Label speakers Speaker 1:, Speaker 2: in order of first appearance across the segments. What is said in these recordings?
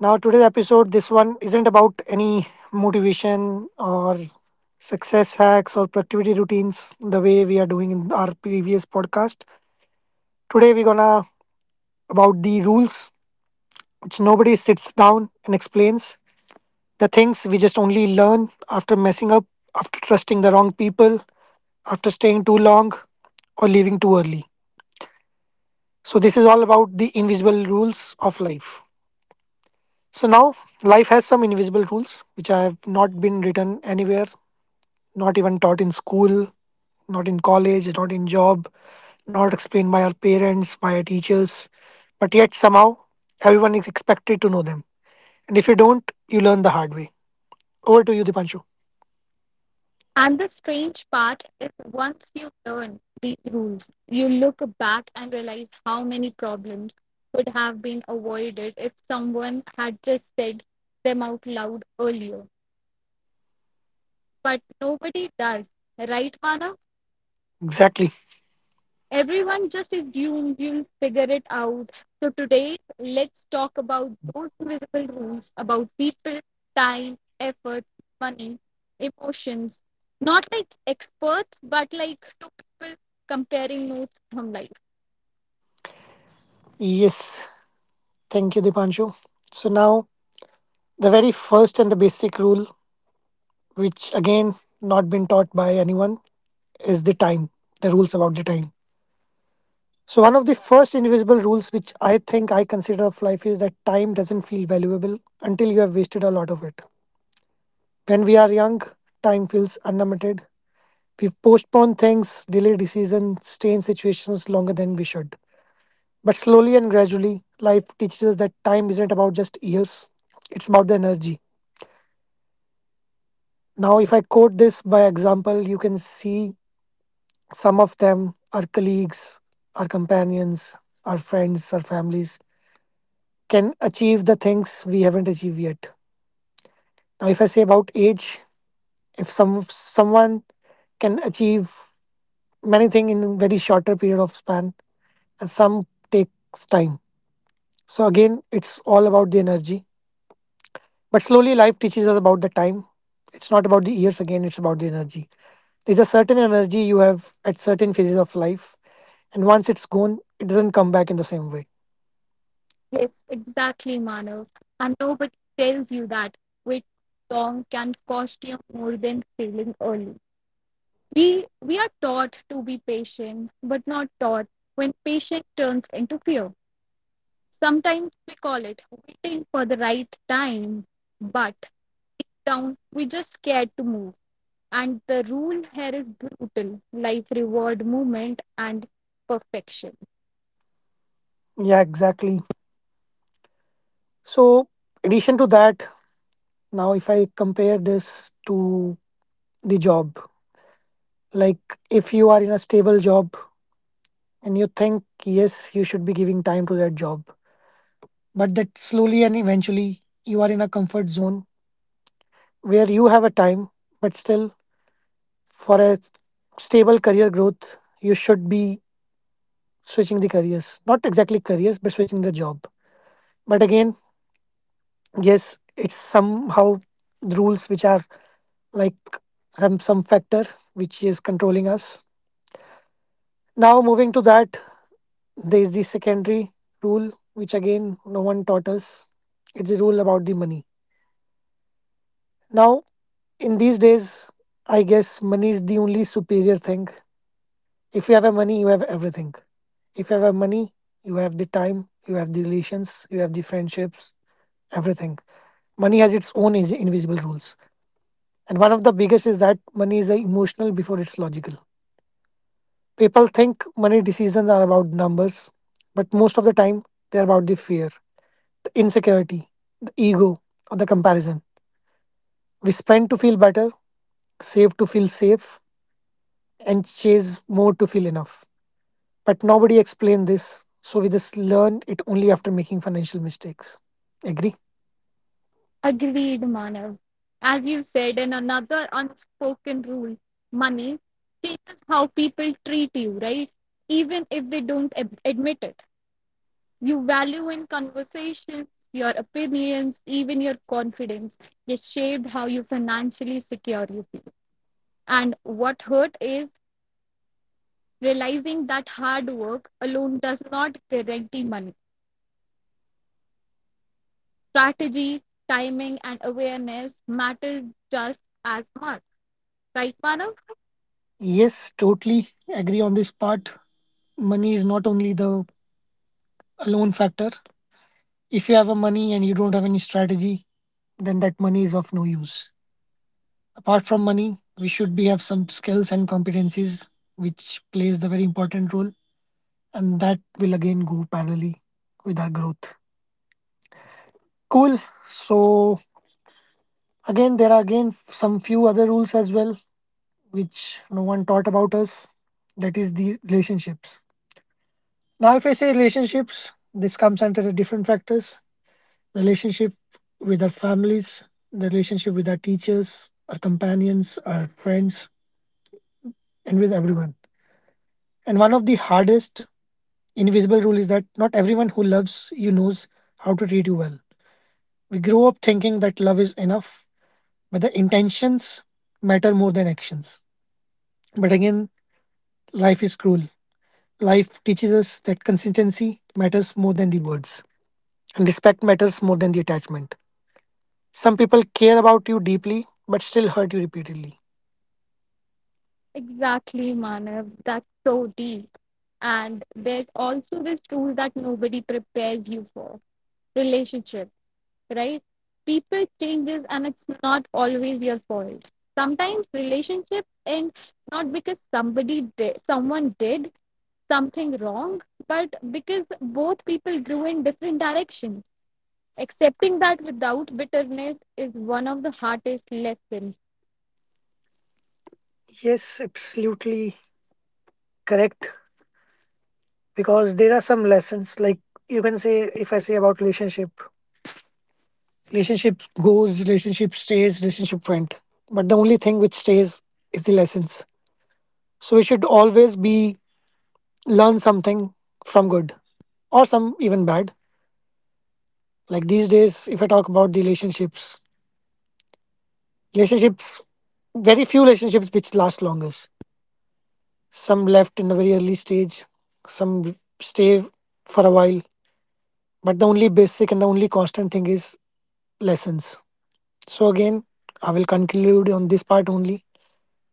Speaker 1: Now, today's episode, this one isn't about any motivation or success hacks or productivity routines the way we are doing in our previous podcast. Today, we're gonna about the rules which nobody sits down and explains. The things we just only learn after messing up, after trusting the wrong people, after staying too long, or leaving too early. So, this is all about the invisible rules of life. So now life has some invisible rules which I have not been written anywhere, not even taught in school, not in college, not in job, not explained by our parents, by our teachers, but yet somehow everyone is expected to know them. And if you don't, you learn the hard way. Over to you, Dipanshu.
Speaker 2: And the strange part is once you learn these rules, you look back and realize how many problems could have been avoided if someone had just said them out loud earlier. But nobody does, right, Mana?
Speaker 1: Exactly.
Speaker 2: Everyone just assumes you'll figure it out. So today, let's talk about those invisible rules about people, time, effort, money, emotions. Not like experts, but like two people comparing notes from life.
Speaker 1: Yes. Thank you, Dipanshu. So now the very first and the basic rule, which again not been taught by anyone, is the time. The rules about the time. So, one of the first invisible rules which I think I consider of life is that time doesn't feel valuable until you have wasted a lot of it. When we are young, time feels unlimited. We postpone things, delay decisions, stay in situations longer than we should. But slowly and gradually, life teaches us that time isn't about just years, it's about the energy. Now, if I quote this by example, you can see some of them, our colleagues, our companions, our friends, our families can achieve the things we haven't achieved yet. Now, if I say about age, if someone can achieve many things in a very shorter period of span, and some takes time. So again, it's all about the energy. But slowly, life teaches us about the time. It's not about the years again; it's about the energy. There's a certain energy you have at certain phases of life, and once it's gone, it doesn't come back in the same way.
Speaker 2: Yes, exactly, Manav. And nobody tells you that waiting long can cost you more than failing early. We are taught to be patient, but not taught when patience turns into fear. Sometimes we call it waiting for the right time, but down we just scared to move. And the rule here is brutal. Life reward movement and perfection.
Speaker 1: Yeah, exactly. So, addition to that, now if I compare this to the job. Like if you are in a stable job and you think, yes, you should be giving time to that job, but that slowly and eventually you are in a comfort zone where you have a time, but still for a stable career growth, you should be switching the careers. Not exactly careers, but switching the job. But again, yes, it's somehow the rules which are like some factor which is controlling us. Now, moving to that, there is the secondary rule, which again no one taught us. It's a rule about the money. Now, in these days, I guess money is the only superior thing. If you have a money, you have everything. If you have a money, you have the time, you have the relations, you have the friendships, everything. Money has its own invisible rules. And one of the biggest is that money is emotional before it's logical. People think money decisions are about numbers, but most of the time they're about the fear. The insecurity, the ego, or the comparison. We spend to feel better, save to feel safe, and chase more to feel enough. But nobody explained this, so we just learned it only after making financial mistakes. Agree?
Speaker 2: Agreed, Manav. As you said, and another unspoken rule, money changes how people treat you, right? Even if they don't admit it. You value in conversations, your opinions, even your confidence is shaped how you financially secure you feel. And what hurt is realizing that hard work alone does not guarantee money. Strategy, timing, and awareness matter just as much. Right, Manav?
Speaker 1: Yes, totally agree on this part. Money is not only the alone factor. If you have a money and you don't have any strategy, then that money is of no use. Apart from money, we should be have some skills and competencies which plays the very important role. And that will again go parallelly with our growth. Cool. So again, there are again some few other rules as well, which no one taught about us. That is the relationships. Now, if I say relationships, this comes under the different factors: the relationship with our families, the relationship with our teachers, our companions, our friends, and with everyone. And one of the hardest invisible rule is that not everyone who loves you knows how to treat you well. We grow up thinking that love is enough, but the intentions matter more than actions. But again, life is cruel. Life teaches us that consistency matters more than the words, and respect matters more than the attachment. Some people care about you deeply, but still hurt you repeatedly.
Speaker 2: Exactly, Manav. That's so deep. And there's also this tool that nobody prepares you for relationship, right? People changes and it's not always your fault. Sometimes relationships end not because someone did something wrong, but because both people grew in different directions. Accepting that without bitterness is one of the hardest lessons.
Speaker 1: Yes, absolutely correct. Because there are some lessons, like you can say, if I say about relationship, relationship goes, relationship stays, relationship went. But the only thing which stays is the lessons. So we should always be learn something from good or some even bad. Like these days, if I talk about the relationships, very few relationships which last longest. Some left in the very early stage, some stay for a while. But the only basic and the only constant thing is lessons. So again, I will conclude on this part only.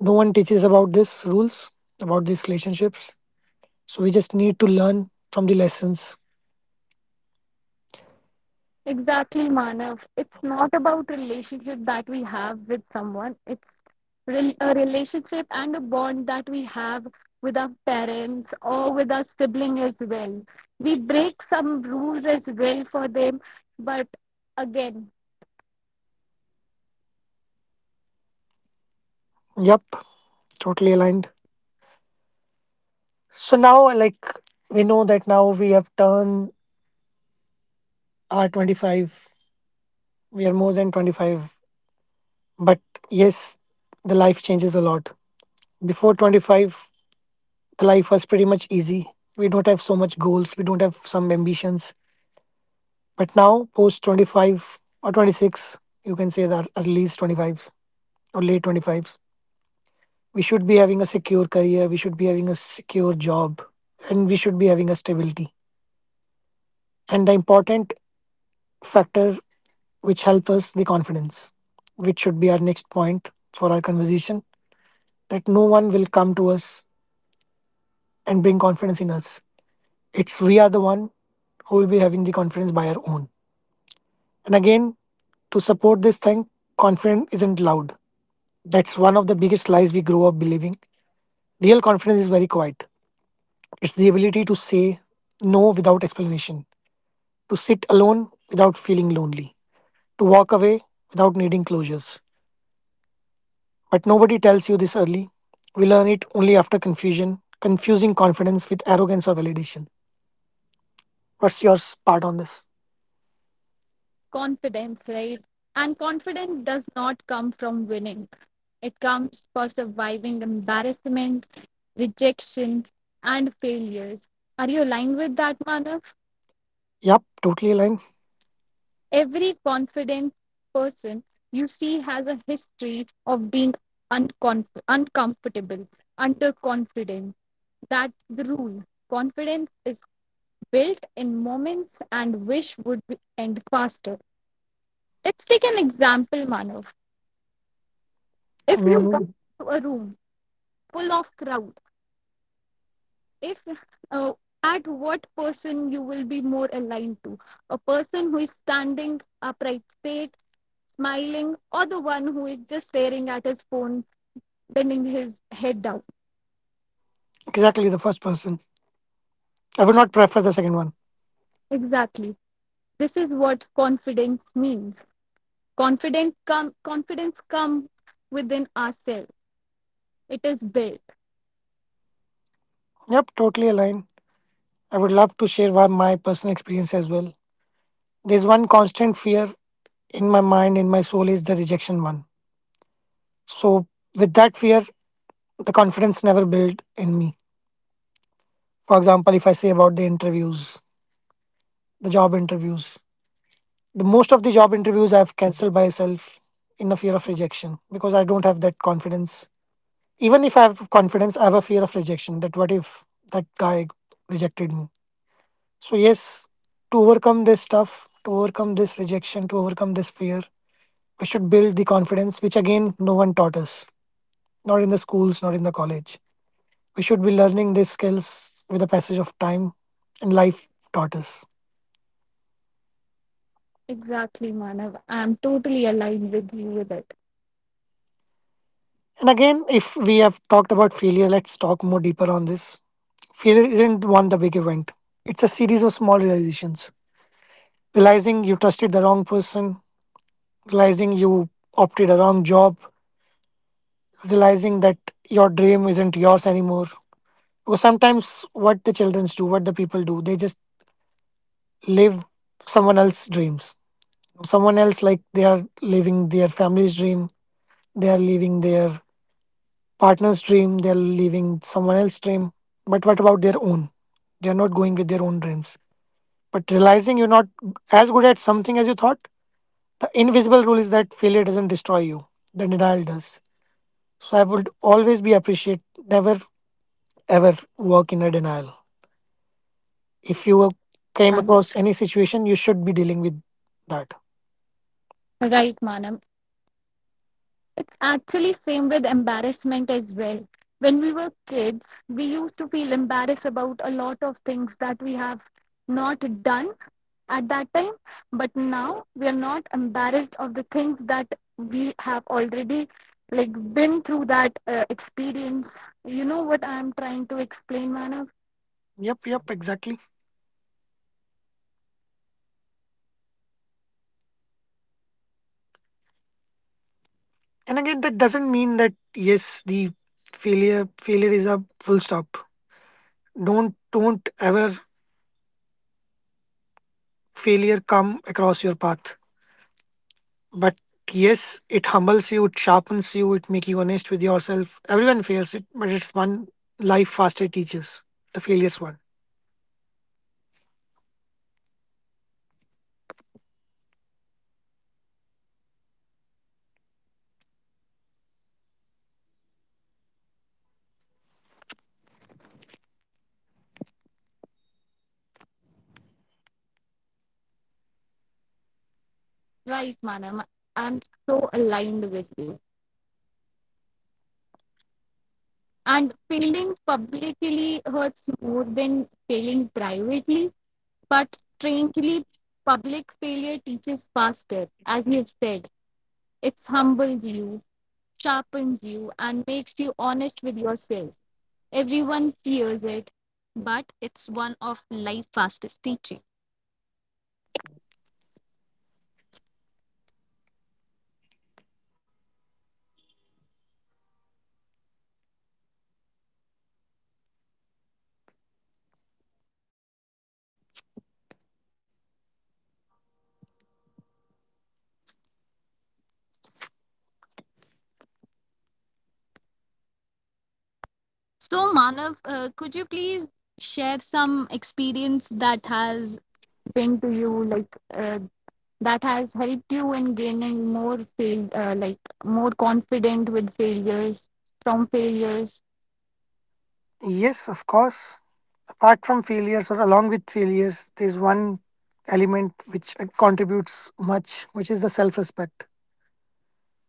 Speaker 1: No one teaches about this rules, about these relationships. So we just need to learn from the lessons.
Speaker 2: Exactly, Manav. It's not about relationship that we have with someone. It's a relationship and a bond that we have with our parents or with our sibling as well. We break some rules as well for them, but again
Speaker 1: Yep, totally aligned. So now, like, we know that now we have turned our 25. We are more than 25. But yes, the life changes a lot. Before 25, the life was pretty much easy. We don't have so much goals. We don't have some ambitions. But now, post 25 or 26, you can say that at least 25s or late 25s, we should be having a secure career. We should be having a secure job. And we should be having a stability. And the important factor which help us the confidence, which should be our next point for our conversation, that no one will come to us and bring confidence in us. It's we are the one who will be having the confidence by our own. And again, to support this thing, confidence isn't loud. That's one of the biggest lies we grow up believing. Real confidence is very quiet. It's the ability to say no without explanation, to sit alone without feeling lonely, to walk away without needing closures. But nobody tells you this early. We learn it only after confusion, confusing confidence with arrogance or validation. What's your part on this?
Speaker 2: confidence, right? And confidence does not come from winning. It comes for surviving embarrassment, rejection, and failures. Are you aligned with that, Manav?
Speaker 1: Yep, totally aligned.
Speaker 2: Every confident person you see has a history of being uncomfortable, underconfident. That's the rule. Confidence is built in moments and wish end faster. Let's take an example, Manav. If you walk
Speaker 1: Mm,
Speaker 2: into a room full of crowd, if uh, at what person you will be more aligned to, a person who is standing upright straight smiling, or the one who is just staring at his phone bending his head down.
Speaker 1: exactly the first person. I would not prefer the second one.
Speaker 2: Exactly, this is what confidence means. Confidence come confidence come within ourselves, it is built.
Speaker 1: Yep, totally aligned. I would love to share my personal experience as well. There's one constant fear in my mind, in my soul, is the rejection one. So, with that fear, the confidence never built in me. For example, if I say about the interviews, the job interviews, the most of the job interviews I've cancelled myself in a fear of rejection because I don't have that confidence. Even if I have confidence, I have a fear of rejection. That what if that guy rejected me? So yes, to overcome this stuff, to overcome this rejection, to overcome this fear, we should build the confidence, which again no one taught us. Not in the schools, not in the college. We should be learning these skills with the passage of time and life taught us.
Speaker 2: Exactly, Manav, I am totally aligned with you with it.
Speaker 1: And again, if we have talked about failure, let's talk more deeper on this. Failure isn't one the big event. It's a series of small realizations. Realizing you trusted the wrong person, realizing you opted a wrong job, realizing that your dream isn't yours anymore. Because sometimes what the children do, what the people do, they just live someone else's dreams. Someone else like they are living their family's dream, they are living their partner's dream, they are living someone else's dream. But what about their own? They are not going with their own dreams. But realizing you're not as good at something as you thought, the invisible rule is that failure doesn't destroy you, the denial does. So I would always be appreciate never ever work in a denial. If you came
Speaker 2: Manav,
Speaker 1: across any situation, you should be dealing with that.
Speaker 2: right, Manav. It's actually same with embarrassment as well. When we were kids, we used to feel embarrassed about a lot of things that we have not done at that time, but now we are not embarrassed of the things that we have already like been through that experience. You know what I'm trying to explain, Manav?
Speaker 1: Yep, yep, exactly. And again, that doesn't mean that yes, the failure is a full stop. Don't ever failure come across your path. But yes, it humbles you, it sharpens you, it makes you honest with yourself. Everyone fails it, but it's one life faster teaches. The failures one.
Speaker 2: Right, Manav. I'm so aligned with you. And failing publicly hurts more than failing privately. But strangely, public failure teaches faster, as you've said. It humbles you, sharpens you, and makes you honest with yourself. Everyone fears it, but it's one of life's fastest teaching. So, Manav, could you please share some experience that has been to you, like that has helped you in gaining like more confident with failures from failures?
Speaker 3: Yes, of course. Apart from failures or along with failures, there's one element which contributes much, which is the self respect.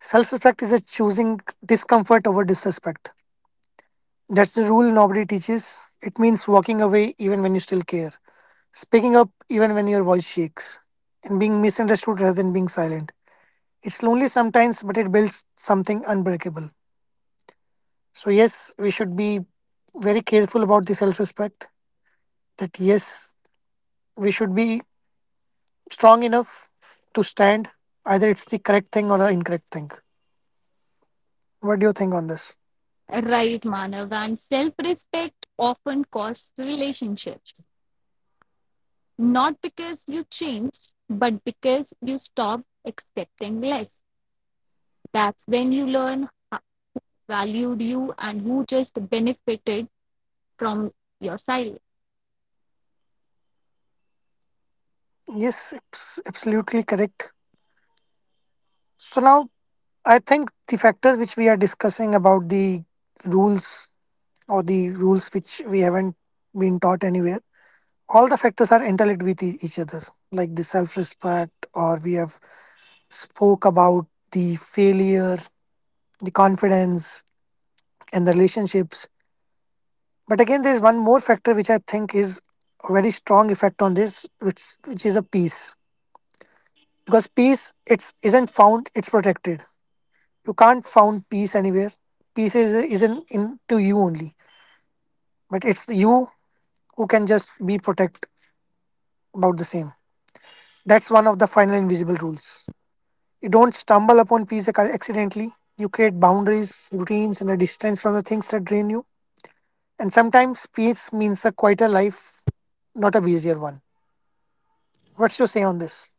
Speaker 3: Self respect is a choosing discomfort over disrespect. That's the rule nobody teaches. It means walking away even when you still care, speaking up even when your voice shakes, and being misunderstood rather than being silent. It's lonely sometimes, but it builds something unbreakable. So, yes, we should be very careful about the self respect that yes we should be strong enough to stand, either it's the correct thing or the incorrect thing. What do you think on this?
Speaker 2: Right, Manav, and self respect often costs relationships. Not because you changed, but because you stopped accepting less. That's when you learn how valued you and who just benefited from your silence.
Speaker 3: Yes, it's absolutely correct. So now I think the factors which we are discussing about the rules, or the rules which we haven't been taught anywhere, all the factors are interlinked with each other. Like the self-respect, or we have spoke about the failure, the confidence, and the relationships. But again, there's one more factor which I think is a very strong effect on this, which is a peace. Because peace, it's isn't found; it's protected. You can't found peace anywhere. Peace is isn't into you only, but it's you who can just be protect about the same. That's one of the final invisible rules. You don't stumble upon peace accidentally. You create boundaries, routines, and a distance from the things that drain you. And sometimes peace means a quieter life, not a busier one. What's your say on this?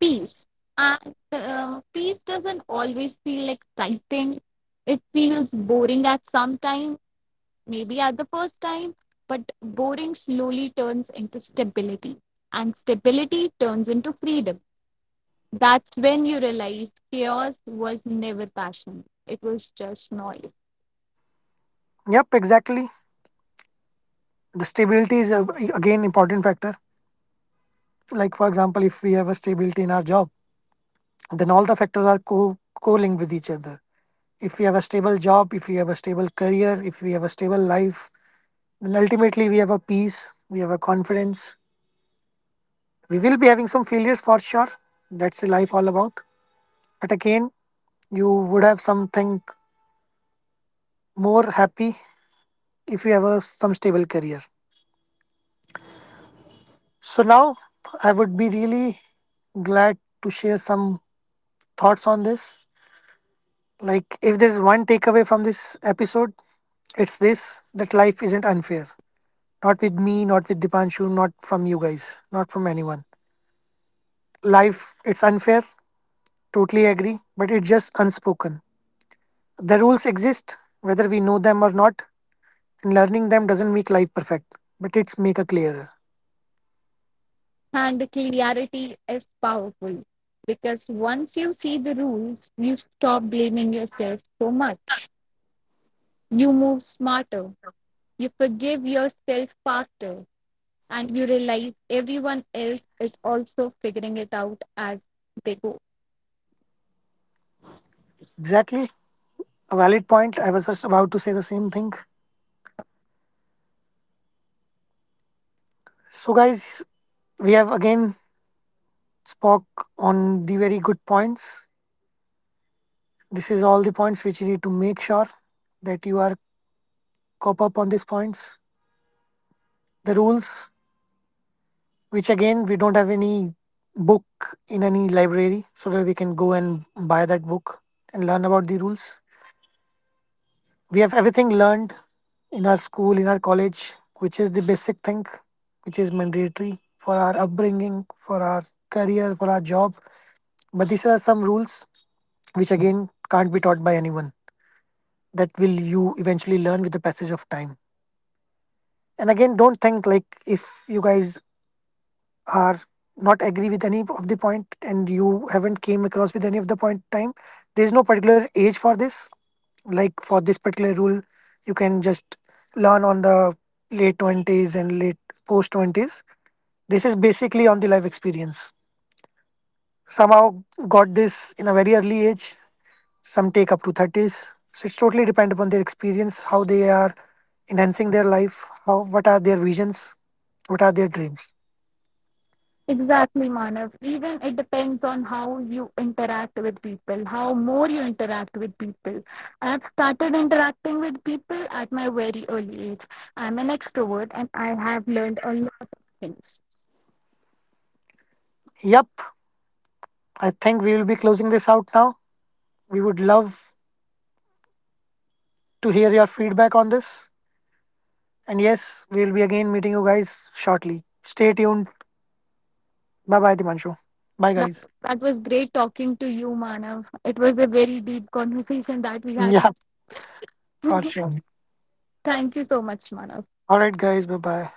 Speaker 2: Peace. And peace doesn't always feel exciting, it feels boring at some time. Maybe at the first time, but boring slowly turns into stability, and stability turns into freedom. That's when you realize chaos was never passion, it was just noise.
Speaker 3: Yep, exactly. The stability is again important factor. Like for example, if we have a stability in our job, then all the factors are co co-linked with each other. If we have a stable job, if we have a stable career, if we have a stable life, then ultimately we have a peace, we have a confidence. We will be having some failures for sure. That's the life all about. But again, you would have something more happy if you have a, some stable career. So now I would be really glad to share some thoughts on this. Like, if there's one takeaway from this episode, it's this that life isn't unfair. Not with me, not with Dipanshu, not from you guys, not from anyone. Life, it's unfair, totally agree, but it's just unspoken. The rules exist, whether we know them or not, and learning them doesn't make life perfect, but it's make a clearer.
Speaker 2: And clarity is powerful because once you see the rules, you stop blaming yourself so much. You move smarter, you forgive yourself faster, and you realize everyone else is also figuring it out as they go.
Speaker 3: Exactly, a valid point. I was just about to say the same thing. So, guys, we have again spoke on the very good points. This is all the points which you need to make sure that you are cop up on these points. The rules, which again we don't have any book in any library, so that we can go and buy that book and learn about the rules. We have everything learned in our school, in our college, which is the basic thing, which is mandatory for our upbringing, for our career, for our job. But these are some rules which again can't be taught by anyone, that will you eventually learn with the passage of time. And again, don't think like if you guys are not agree with any of the point and you haven't came across with any of the point time. There's no particular age for this, like for this particular rule. You can just learn on the late 20s and late post 20s. This is basically on the life experience. Somehow got this in a very early age, some take up to 30s, so it's totally depend upon their experience, how they are enhancing their life, how, what are their visions, what are their dreams.
Speaker 2: Exactly, Manav. Even it depends on how you interact with people, how more you interact with people. I've started interacting with people at my very early age. I'm an extrovert and I have learned a lot of things.
Speaker 3: Yep, I think we will be closing this out now. We would love to hear your feedback on this, and yes, we will be again meeting you guys shortly. Stay tuned. Bye bye, Dimanshu. Bye,
Speaker 2: But
Speaker 3: guys.
Speaker 2: that was great talking to you, Manav. It was a very deep conversation that we had.
Speaker 3: Yeah, for sure.
Speaker 2: Thank you so much, Manav.
Speaker 3: All right, guys, bye bye.